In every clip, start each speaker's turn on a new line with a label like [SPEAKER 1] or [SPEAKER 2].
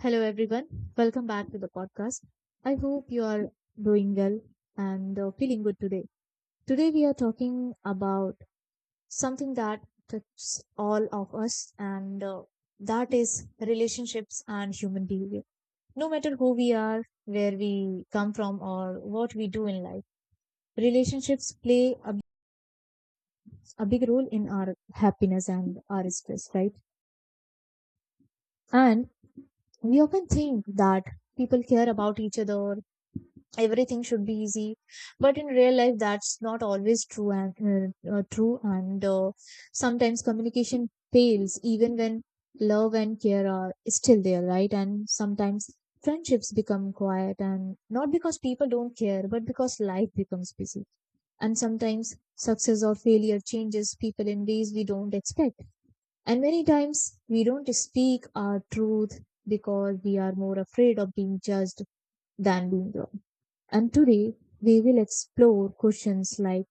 [SPEAKER 1] Hello, everyone. Welcome back to the podcast. I hope you are doing well and feeling good today. Today, we are talking about something that touches all of us, and that is relationships and human behavior. No matter who we are, where we come from, or what we do in life, relationships play a big role in our happiness and our stress, right? And we often think that people care about each other, everything should be easy, but in real life that's not always true and sometimes communication fails even when love and care are still there, right? And sometimes friendships become quiet, and not because people don't care but because life becomes busy. And sometimes success or failure changes people in ways we don't expect, and many times we don't speak our truth because we are more afraid of being judged than being wrong. And today we will explore questions like,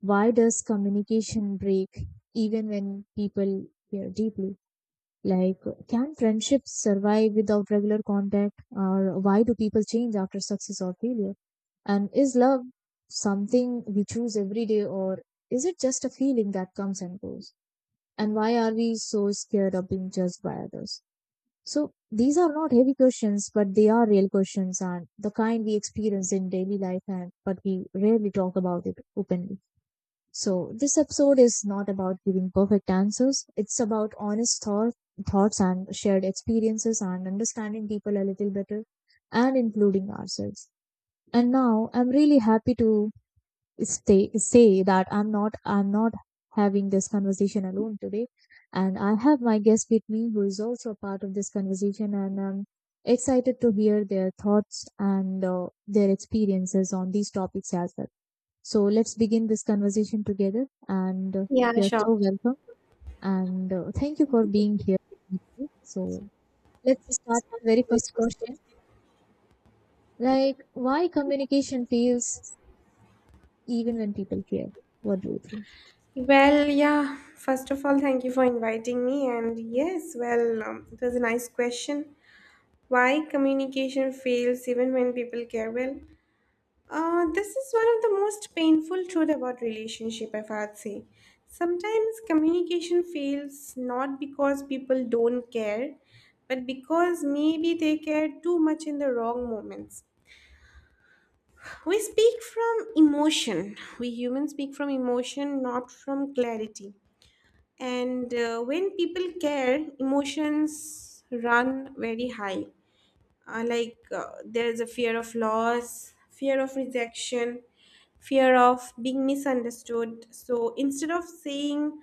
[SPEAKER 1] why does communication break even when people care deeply? Like, can friendships survive without regular contact? Or why do people change after success or failure? And is love something we choose every day, or is it just a feeling that comes and goes? And why are we so scared of being judged by others? So these are not heavy questions, but they are real questions, and the kind we experience in daily life, and but we rarely talk about it openly. So this episode is not about giving perfect answers. It's about honest thoughts and shared experiences and understanding people a little better, and including ourselves. And now I'm really happy to say that I'm not having this conversation alone today, and I have my guest with me who is also a part of this conversation, and I'm excited to hear their thoughts and their experiences on these topics as well. So let's begin this conversation together, and
[SPEAKER 2] Yeah,
[SPEAKER 1] you're
[SPEAKER 2] sure.
[SPEAKER 1] so welcome, and thank you for being here with me. So let's start with the very first question. Like, why communication fails even when people care? What do you think?
[SPEAKER 2] First of all, thank you for inviting me. And yes, it was a nice question. Why communication fails even when people care well? This is one of the most painful truth about relationship, if I'd say. Sometimes communication fails not because people don't care, but because maybe they care too much in the wrong moments. We speak from emotion. We humans speak from emotion, not from clarity. And When people care, emotions run very high. There's a fear of loss, fear of rejection, fear of being misunderstood. So instead of saying,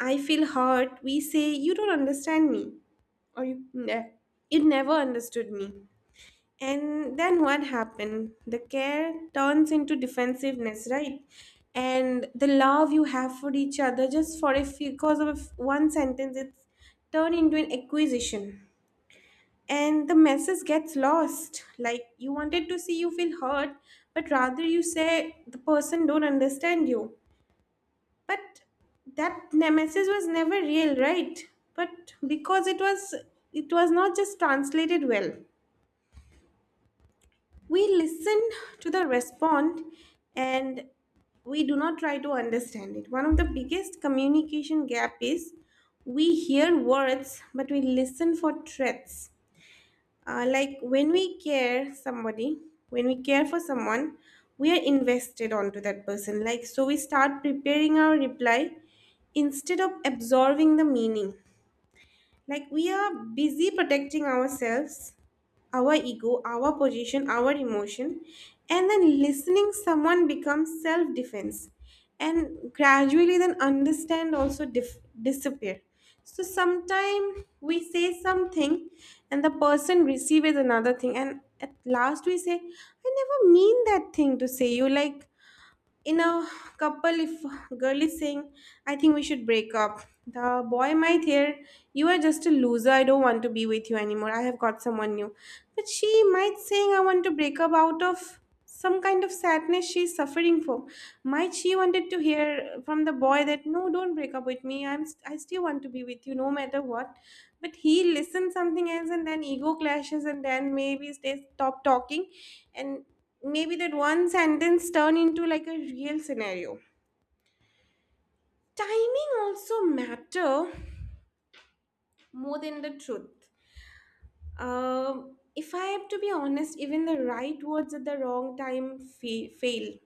[SPEAKER 2] I feel hurt, we say, you don't understand me, or you never understood me. And then what happened? The care turns into defensiveness, right? And the love you have for each other just for a few, because of one sentence, it's turned into an acquisition. And the message gets lost. Like you wanted to see you feel hurt, but rather you say the person don't understand you. But that message was never real, right? But because it was not just translated well. We listen to the respond and we do not try to understand it. One of the biggest communication gap is we hear words but we listen for threats. Like when we care somebody, when we care for someone, we are invested onto that person. Like so, we start preparing our reply instead of absorbing the meaning. Like we are busy protecting ourselves, our ego, our position, our emotion, and then listening someone becomes self-defense and gradually then understand also disappear. So sometimes we say something and the person receives another thing and at last we say, I never mean that thing to say you, like in a couple, if girl is saying I think we should break up, the boy might hear, you are just a loser, I don't want to be with you anymore, I have got someone new. But she might saying I want to break up out of some kind of sadness she's suffering for. Might she wanted to hear from the boy that no, don't break up with me. I still want to be with you no matter what. But he listens something else and then ego clashes and then maybe they stop talking and maybe that one sentence turn into like a real scenario. Timing also matter more than the truth. If I have to be honest, even the right words at the wrong fail.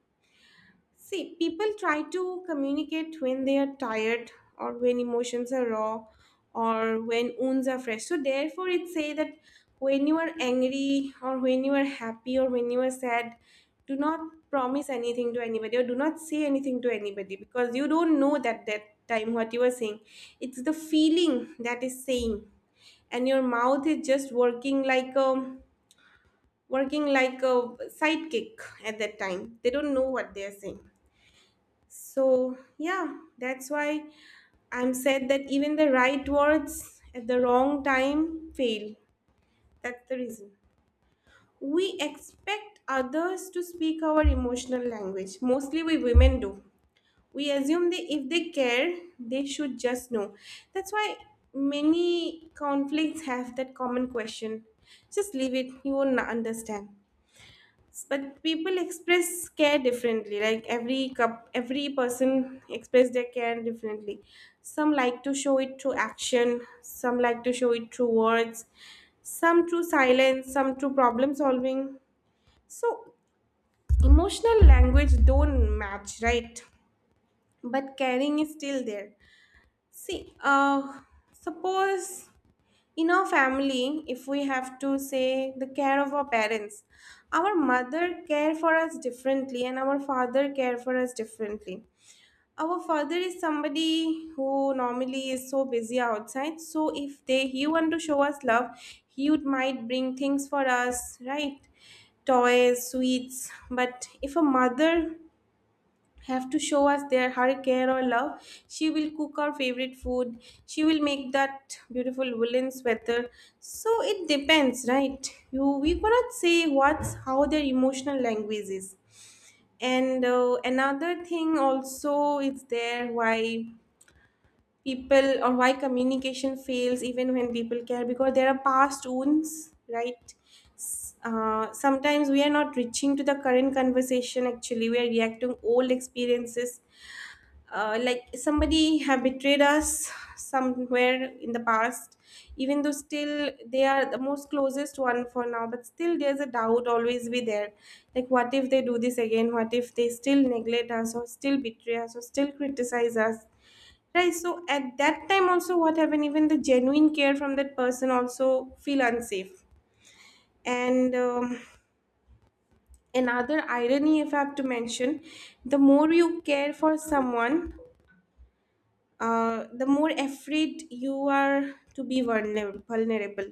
[SPEAKER 2] See, people try to communicate when they are tired or when emotions are raw or when wounds are fresh. So therefore, it say that when you are angry or when you are happy or when you are sad, do not promise anything to anybody or do not say anything to anybody because you don't know that time what you are saying. It's the feeling that is saying and your mouth is just working like a working like a sidekick. At that time they don't know what they're saying, so yeah, that's why I'm said that even the right words at the wrong time fail. That's the reason we expect others to speak our emotional language, mostly we women do. We assume they, if they care, they should just know. That's why many conflicts have that common question, just leave it, you won't understand. But people express care differently, like every person express their care differently. Some like to show it through action, some like to show it through words, some through silence, some through problem solving. So emotional language don't match, right? But caring is still there. See, suppose in our family, if we have to say the care of our parents, our mother care for us differently and our father care for us differently. Our father is somebody who normally is so busy outside. So if they he want to show us love, he would might bring things for us, right? Toys, sweets. But if a mother have to show us their her care or love. She will cook our favorite food. She will make that beautiful woolen sweater. So it depends, right? You We cannot say what's how their emotional language is. And Another thing also is there, why people or why communication fails even when people care, because there are past wounds, right? S- Sometimes we are not reaching to the current conversation, actually we are reacting old experiences, like somebody have betrayed us somewhere in the past, even though still they are the most closest one for now, but still there's a doubt always be there. Like what if they do this again, what if they still neglect us or still betray us or still criticize us, right? So at that time also what happened, even the genuine care from that person also feel unsafe. And Another irony, if I have to mention, the more you care for someone, the more afraid you are to be vulnerable, vulnerable,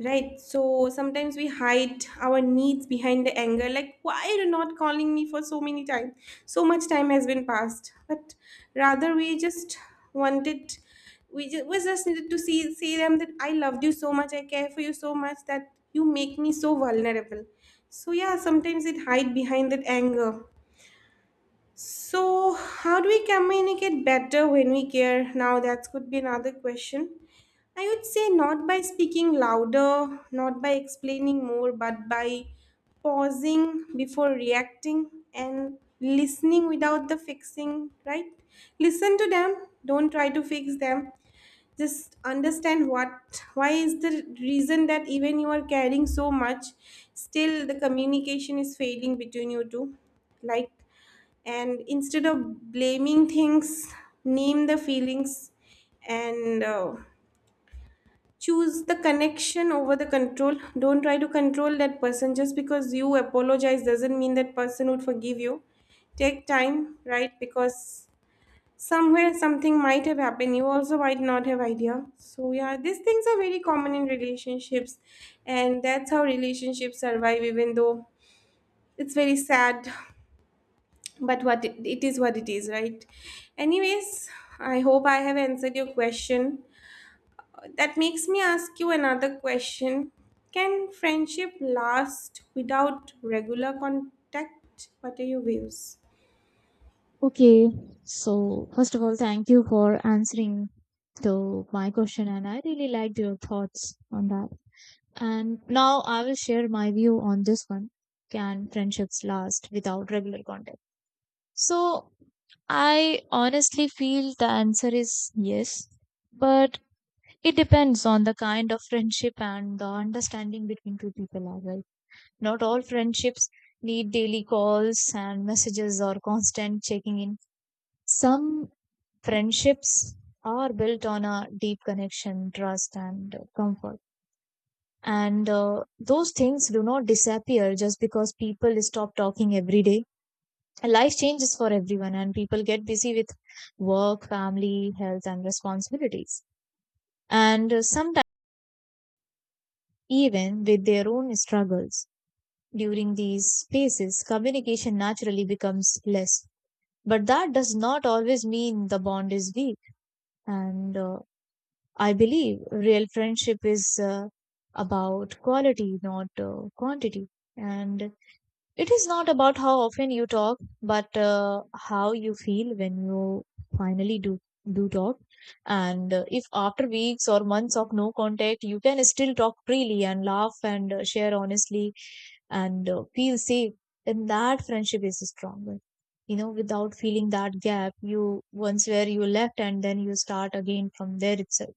[SPEAKER 2] right? So sometimes we hide our needs behind the anger, like why are you not calling me for so many time, so much time has been passed, but rather we just wanted, we just needed to see them that I loved you so much, I care for you so much that you make me so vulnerable. So yeah, sometimes it hide behind that anger. So, how do we communicate better when we care? Now, that could be another question. I would say not by speaking louder, not by explaining more, but by pausing before reacting and listening without the fixing, right? Listen to them, don't try to fix them. Just understand what, why is the reason that even you are caring so much, still the communication is failing between you two, like, and instead of blaming things, name the feelings. And Choose the connection over the control, don't try to control that person, just because you apologize doesn't mean that person would forgive you. Take time, right? Because somewhere something might have happened, you also might not have idea. So yeah, these things are very common in relationships, and that's how relationships survive, even though it's very sad, but it is what it is, right? Anyways, I hope I have answered your question. That makes me ask you another question. Can friendship last without regular contact? What are your views?
[SPEAKER 1] Okay, so first of all, thank you for answering to my question, and I really liked your thoughts on that. And now I will share my view on this one. Can friendships last without regular contact? So I honestly feel the answer is yes, but it depends on the kind of friendship and the understanding between two people as well. Not all friendships need daily calls and messages or constant checking in. Some friendships are built on a deep connection, trust, and comfort. And those things do not disappear just because people stop talking every day. Life changes for everyone, and people get busy with work, family, health, and responsibilities. And sometimes, even with their own struggles during these phases, communication naturally becomes less. But that does not always mean the bond is weak. And I believe real friendship is about quality, not quantity. And it is not about how often you talk, but how you feel when you finally do talk. And if after weeks or months of no contact, you can still talk freely and laugh and share honestly and feel safe, then that friendship is stronger. You know, without feeling that gap, you once where you left and then you start again from there itself.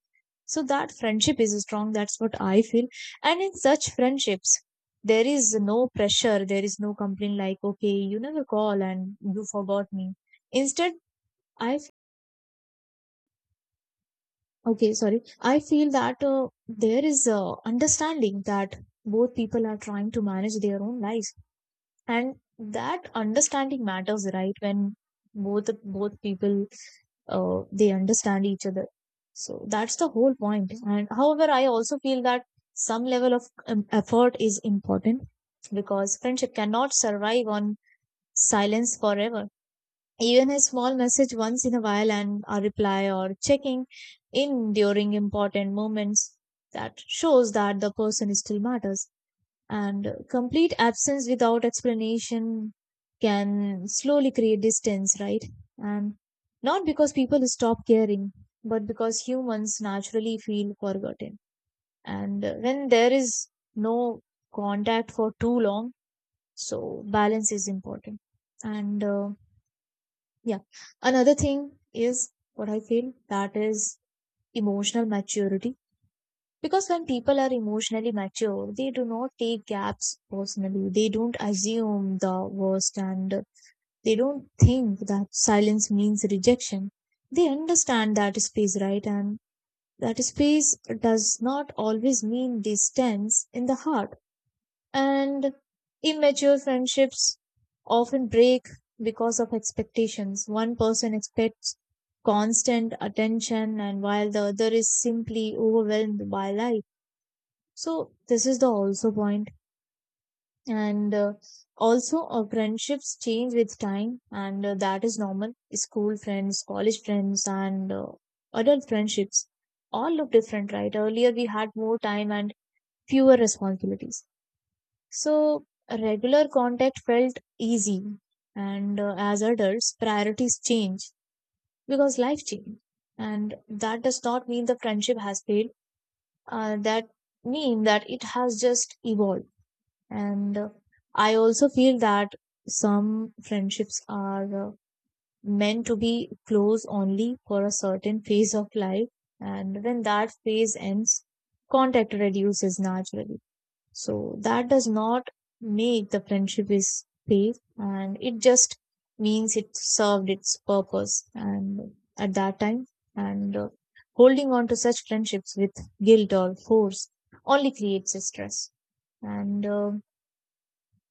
[SPEAKER 1] So that friendship is strong. That's what I feel. And in such friendships, there is no pressure, there is no complaint like, okay, you never call and you forgot me. Instead, i f- okay, sorry, I feel that there is understanding that both people are trying to manage their own lives, and that understanding matters, right? When both both people they understand each other, so that's the whole point. And however, I also feel that some level of effort is important, because friendship cannot survive on silence forever. Even a small message once in a while and a reply, or checking in during important moments, that shows that the person still matters. And complete absence without explanation can slowly create distance, right? And not because people stop caring, but because humans naturally feel forgotten. And when there is no contact for too long, so balance is important. And yeah. Another thing is what I feel, that is emotional maturity. Because when people are emotionally mature, they do not take gaps personally. They don't assume the worst and they don't think that silence means rejection. They understand that space, right? And that space does not always mean distance in the heart. And immature friendships often break because of expectations. One person expects constant attention, and while the other is simply overwhelmed by life. So, this is the also point. And also, our friendships change with time, and that is normal. School friends, college friends, and adult friendships all look different, right? Earlier, we had more time and fewer responsibilities, so regular contact felt easy, and as adults, priorities change because life change, and that does not mean the friendship has failed. That mean that it has just evolved, and I also feel that some friendships are meant to be close only for a certain phase of life, and when that phase ends, contact reduces naturally. So that does not make the friendship is safe, and it just means it served its purpose and at that time. And holding on to such friendships with guilt or force only creates a stress. And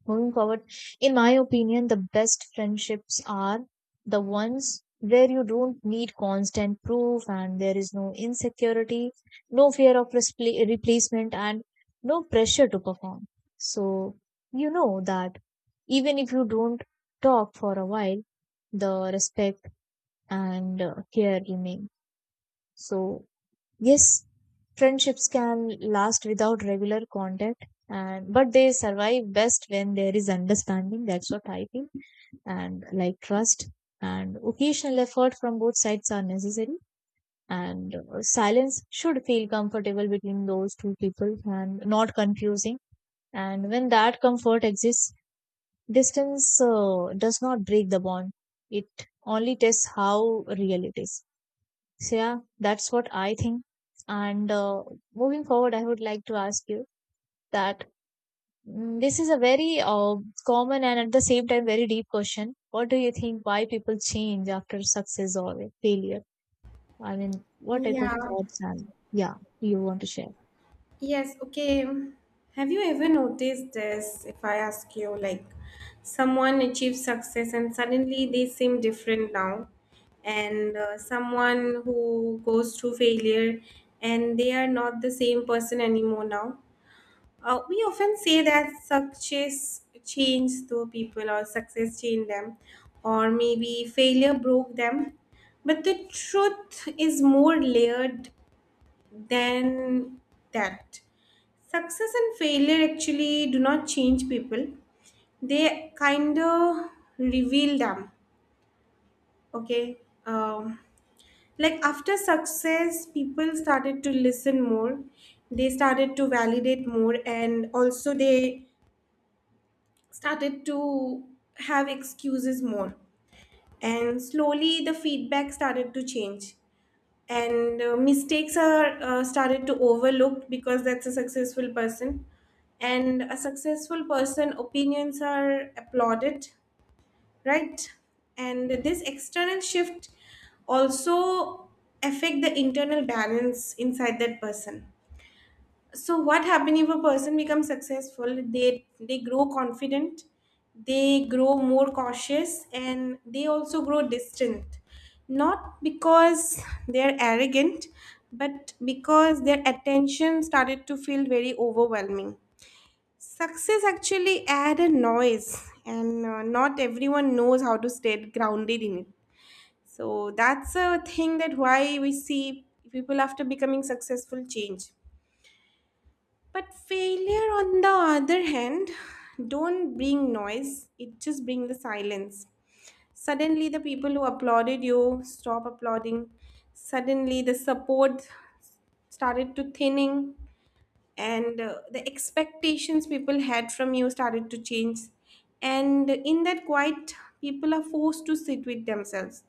[SPEAKER 1] Moving forward, in my opinion, the best friendships are the ones where you don't need constant proof, and there is no insecurity, no fear of replacement, and no pressure to perform. So you know that even if you don't talk for a while, the respect and care remain. So yes, friendships can last without regular contact, and but they survive best when there is understanding, that's what I think. And like, trust and occasional effort from both sides are necessary, and silence should feel comfortable between those two people and not confusing, and when that comfort exists, distance does not break the bond, it only tests how real it is. So yeah, that's what I think. And moving forward, I would like to ask you that, this is a very common and at the same time very deep question. What do you think? Why people change after success or failure? I mean, what type of
[SPEAKER 2] Yeah.
[SPEAKER 1] thoughts, and yeah, you want to share?
[SPEAKER 2] Yes, okay. Have you ever noticed this? If I ask you, like, someone achieves success and suddenly they seem different now, and someone who goes through failure and they are not the same person anymore now. We often say that success changed the people, or success changed them, or maybe failure broke them. But the truth is more layered than that. Success and failure actually do not change people. They kind of reveal them. Okay. Um, like after success, people started to listen more. They started to validate more, and also they started to have excuses more. And slowly, the feedback started to change. And mistakes are started to overlooked because that's a successful person, and a successful person opinions are applauded, right? And this external shift also affect the internal balance inside that person. So what happens if a person becomes successful, they grow confident, they grow more cautious, and they also grow distant, not because they're arrogant, but because their attention started to feel very overwhelming. Success actually add a noise, and not everyone knows how to stay grounded in it. So that's a thing, that why we see people after becoming successful change. But failure, on the other hand, don't bring noise, it just brings the silence. Suddenly, the people who applauded you stop applauding. Suddenly, the support started to thinning, and the expectations people had from you started to change. And in that quiet, people are forced to sit with themselves.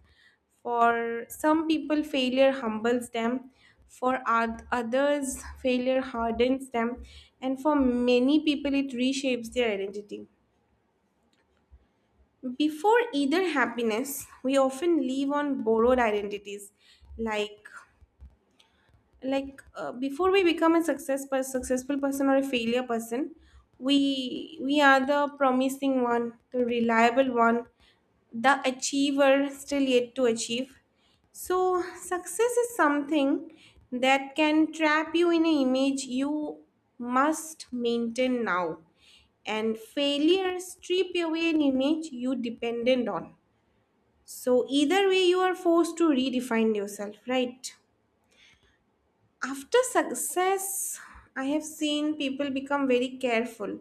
[SPEAKER 2] For some people, failure humbles them. For others, failure hardens them. And for many people, it reshapes their identity. Before either happiness, we often live on borrowed identities, like before we become a successful person or a failure person, we are the promising one, the reliable one, the achiever still yet to achieve. So success is something that can trap you in an image you must maintain now, and failure strip away an image you dependent on. So either way you are forced to redefine yourself, right? After success, I have seen people become very careful.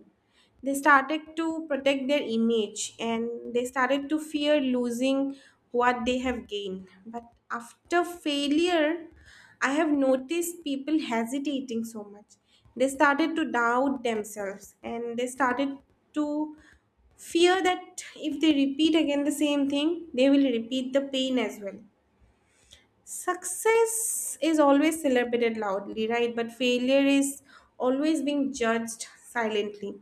[SPEAKER 2] They started to protect their image and they started to fear losing what they have gained. But after failure, I have noticed people hesitating so much. They started to doubt themselves and they started to fear that if they repeat again the same thing, they will repeat the pain as well. Success is always celebrated loudly, right? But failure is always being judged silently.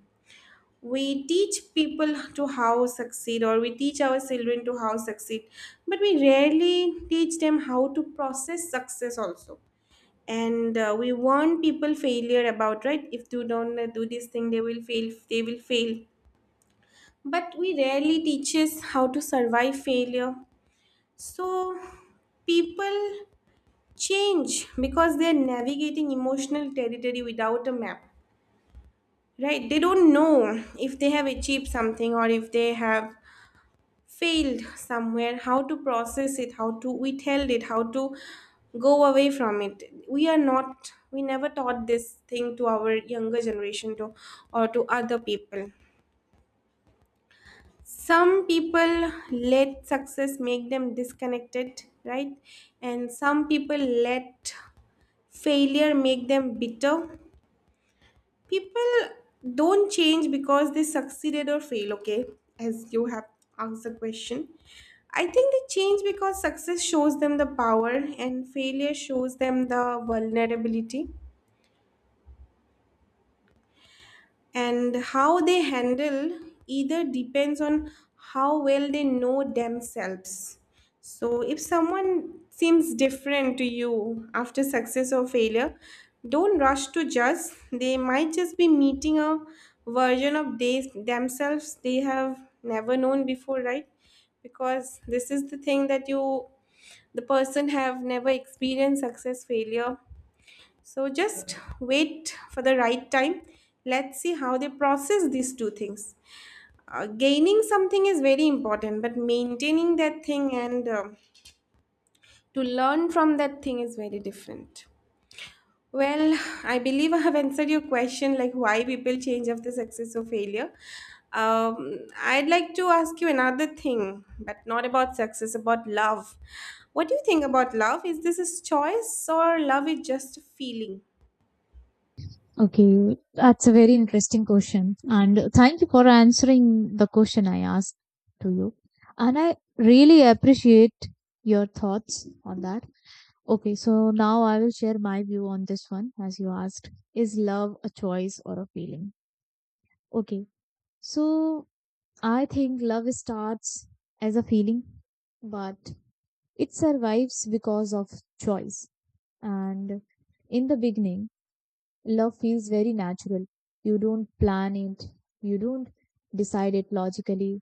[SPEAKER 2] We teach people to how succeed, or we teach our children to how succeed, but we rarely teach them how to process success also. And we warn people failure about, right. If you don't do this thing, they will fail. They will fail. But we rarely teaches how to survive failure. So people change because they're navigating emotional territory without a map, right? They don't know if they have achieved something or if they have failed somewhere, how to process it, how to withhold it, how to go away from it. We are not we never taught this thing to our younger generation, to or to other people. Some people let success make them disconnected, right? And some people let failure make them bitter. People don't change because they succeeded or fail, okay? As you have asked the question, I think they change because success shows them the power and failure shows them the vulnerability, and how they handle either depends on how well they know themselves. So if someone seems different to you after success or failure, don't rush to judge. They might just be meeting a version of they themselves they have never known before, right? Because this is the thing that you, the person, have never experienced success failure. So just wait for the right time. Let's see how they process these two things. Gaining something is very important, but maintaining that thing and to learn from that thing is very different. Well, I believe I have answered your question, like why people change after success or failure. I'd like to ask you another thing, but not about success, about love. What do you think about love? Is this a choice or love is just a feeling?
[SPEAKER 1] Okay, that's a very interesting question, and thank you for answering the question I asked to you. And I really appreciate your thoughts on that. Okay, so now I will share my view on this one as you asked. Is love a choice or a feeling? Okay, so I think love starts as a feeling, but it survives because of choice. And in the beginning, love feels very natural. You don't plan it, you don't decide it logically,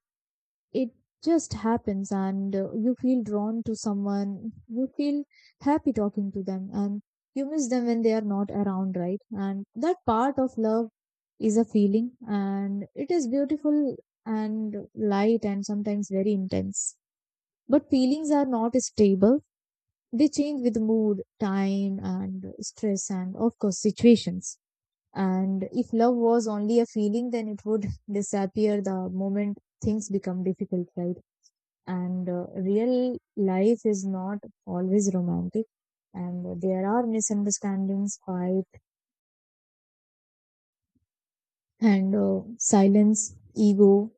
[SPEAKER 1] it just happens, and you feel drawn to someone, you feel happy talking to them, and you miss them when they are not around, right? And that part of love is a feeling, and it is beautiful and light and sometimes very intense. But feelings are not stable, they change with mood, time, and stress, and of course situations. And if love was only a feeling, then it would disappear the moment things become difficult, right? And real life is not always romantic, and there are misunderstandings, fight, and silence, ego,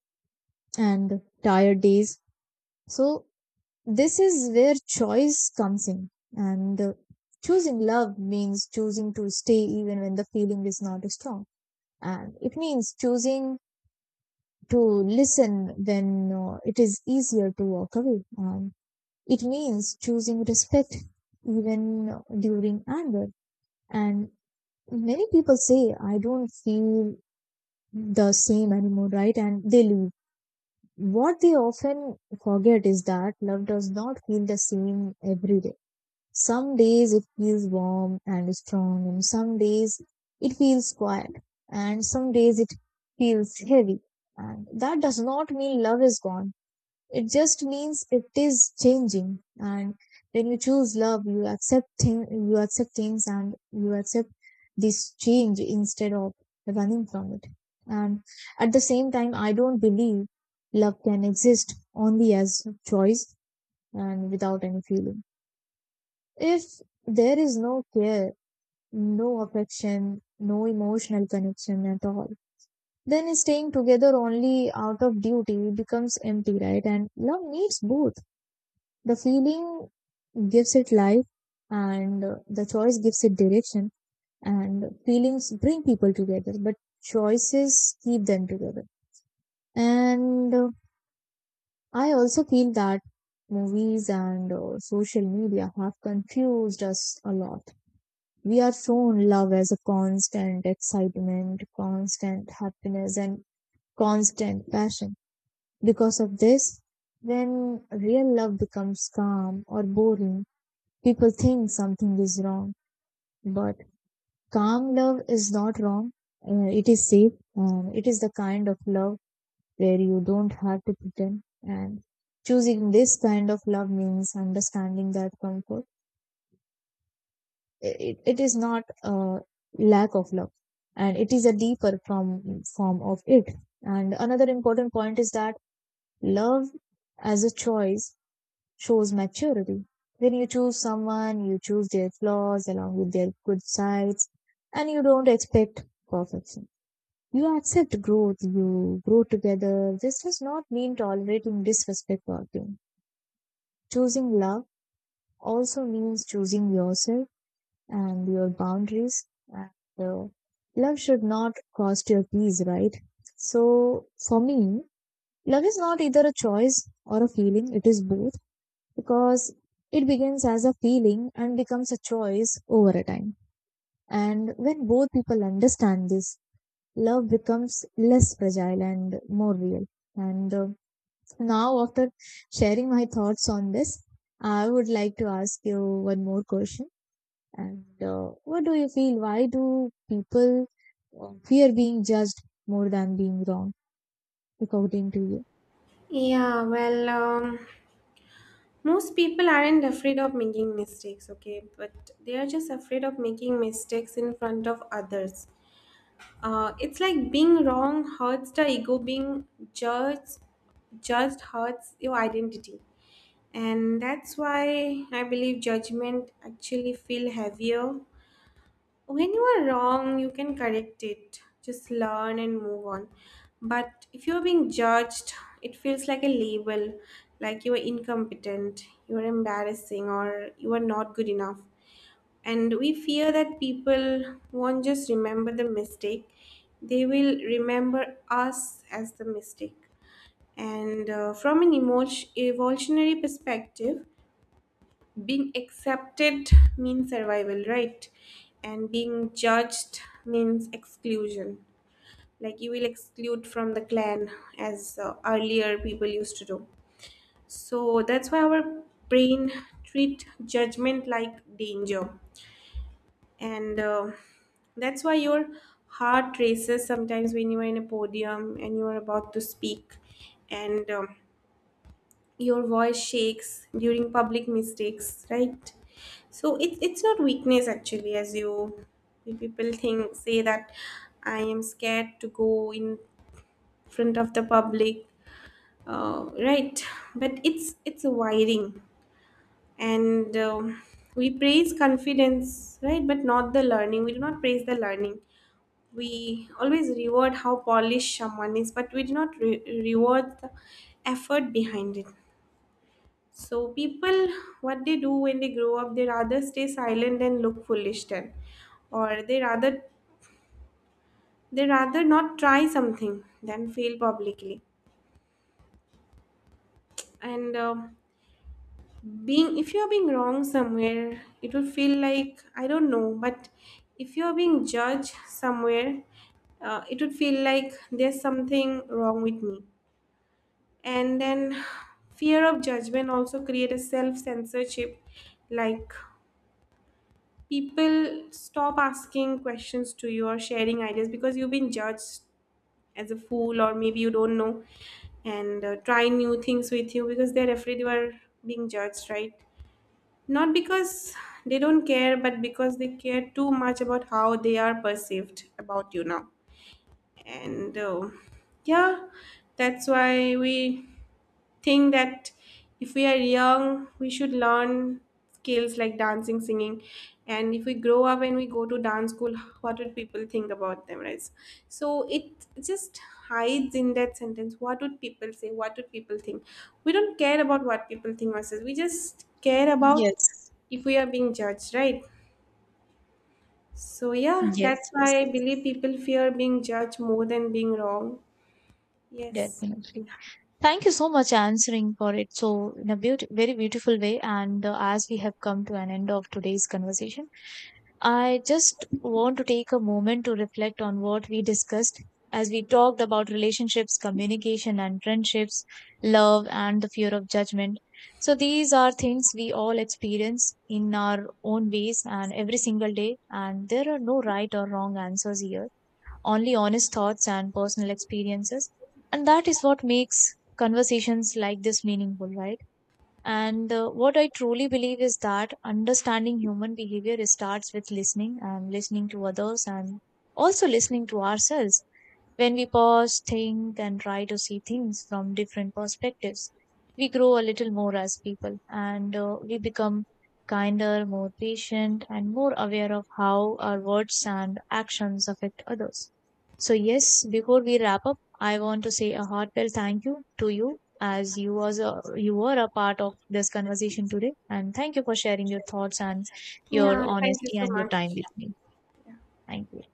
[SPEAKER 1] and tired days. So this is where choice comes in. And choosing love means choosing to stay even when the feeling is not strong, and it means choosing to listen when it is easier to walk away. It means choosing respect even during anger. And many people say, I don't feel the same anymore, right? And they leave. What they often forget is that love does not feel the same every day. Some days it feels warm and strong, and some days it feels quiet, and some days it feels heavy. And that does not mean love is gone, it just means it is changing. And when you choose love, you accept you accept things and you accept this change instead of running from it. And at the same time, I don't believe love can exist only as choice and without any feeling. If there is no care, no affection, no emotional connection at all, then staying together only out of duty becomes empty, right? And love needs both. The feeling gives it life, and the choice gives it direction, and feelings bring people together, but choices keep them together. And I also feel that movies and social media have confused us a lot. We are shown love as a constant excitement, constant happiness, and constant passion. Because of this, when real love becomes calm or boring, people think something is wrong, but calm love is not wrong. It is safe. It is the kind of love where you don't have to pretend. And choosing this kind of love means understanding that comfort. It is not a lack of love, and it is a deeper form of it. And another important point is that love as a choice shows maturity. When you choose someone, you choose their flaws along with their good sides, and you don't expect perfection. You accept growth, you grow together. This does not mean tolerating disrespect or pain. Choosing love also means choosing yourself and your boundaries. And uh, love should not cost your peace, right? So, for me, love is not either a choice or a feeling, it is both, because it begins as a feeling and becomes a choice over a time. And when both people understand this, love becomes less fragile and more real. And now, after sharing my thoughts on this, I would like to ask you one more question. And what do you feel? Why do people fear being judged more than being wrong, according to you?
[SPEAKER 2] Yeah, well, most people aren't afraid of making mistakes, okay? But they are just afraid of making mistakes in front of others. It's like being wrong hurts the ego, being judged, judged hurts your identity. And that's why I believe judgment actually feel heavier. When you are wrong you can correct it, just learn and move on. But if you're being judged, it feels like a label, like you are incompetent, you are embarrassing, or you are not good enough. And we fear that people won't just remember the mistake, they will remember us as the mistake. And uh, from an emotion evolutionary perspective, being accepted means survival, right? And being judged means exclusion, like you will exclude from the clan, as earlier people used to do. So that's why our brain treat judgment like danger. And uh, that's why your heart races sometimes when you are in a podium and you are about to speak, and your voice shakes during public mistakes, right? So it's not weakness actually. As you people think say that, I am scared to go in front of the public, right. But it's a wiring. And um, we praise confidence, right, but not the learning. We do not praise the learning. We always reward how polished someone is, but we do not reward the effort behind it. So people, what they do when they grow up, they rather stay silent and look foolish then, or they rather not try something than fail publicly. And being if you're being wrong somewhere, it will feel like I don't know. But if you're being judged somewhere, it would feel like there's something wrong with me. And then fear of judgment also create a self censorship, like people stop asking questions to you or sharing ideas because you've been judged as a fool or maybe you don't know, and try new things with you because they're afraid you are being judged, right? Not because they don't care, but because they care too much about how they are perceived about you now. And uh, yeah that's why we think that if we are young, we should learn skills like dancing, singing, and if we grow up and we go to dance school, what would people think about them, right? So it just hides in that sentence. What would people say? What would people think? We don't care about what people think or says. We just care about
[SPEAKER 1] Yes,
[SPEAKER 2] if we are being judged, right? So yeah,
[SPEAKER 1] yes,
[SPEAKER 2] that's why
[SPEAKER 1] yes,
[SPEAKER 2] I believe people fear being judged more than being wrong. Yes.
[SPEAKER 1] definitely. Thank you so much answering for it, so in a very beautiful way. And as we have come to an end of today's conversation, I just want to take a moment to reflect on what we discussed, as we talked about relationships, communication, and friendships, love, and the fear of judgment. So these are things we all experience in our own ways and every single day, and there are no right or wrong answers here, only honest thoughts and personal experiences. And that is what makes conversations like this meaningful, right? And what I truly believe is that understanding human behavior starts with listening, and listening to others, and also listening to ourselves. When we pause, think, and try to see things from different perspectives, we grow a little more as people, and we become kinder, more patient, and more aware of how our words and actions affect others. So, yes, before we wrap up, I want to say a heartfelt thank you to you, as you were a part of this conversation today, and thank you for sharing your thoughts and your
[SPEAKER 2] Yeah, thank you
[SPEAKER 1] honesty
[SPEAKER 2] so
[SPEAKER 1] and your
[SPEAKER 2] much.
[SPEAKER 1] time with me. Thank you.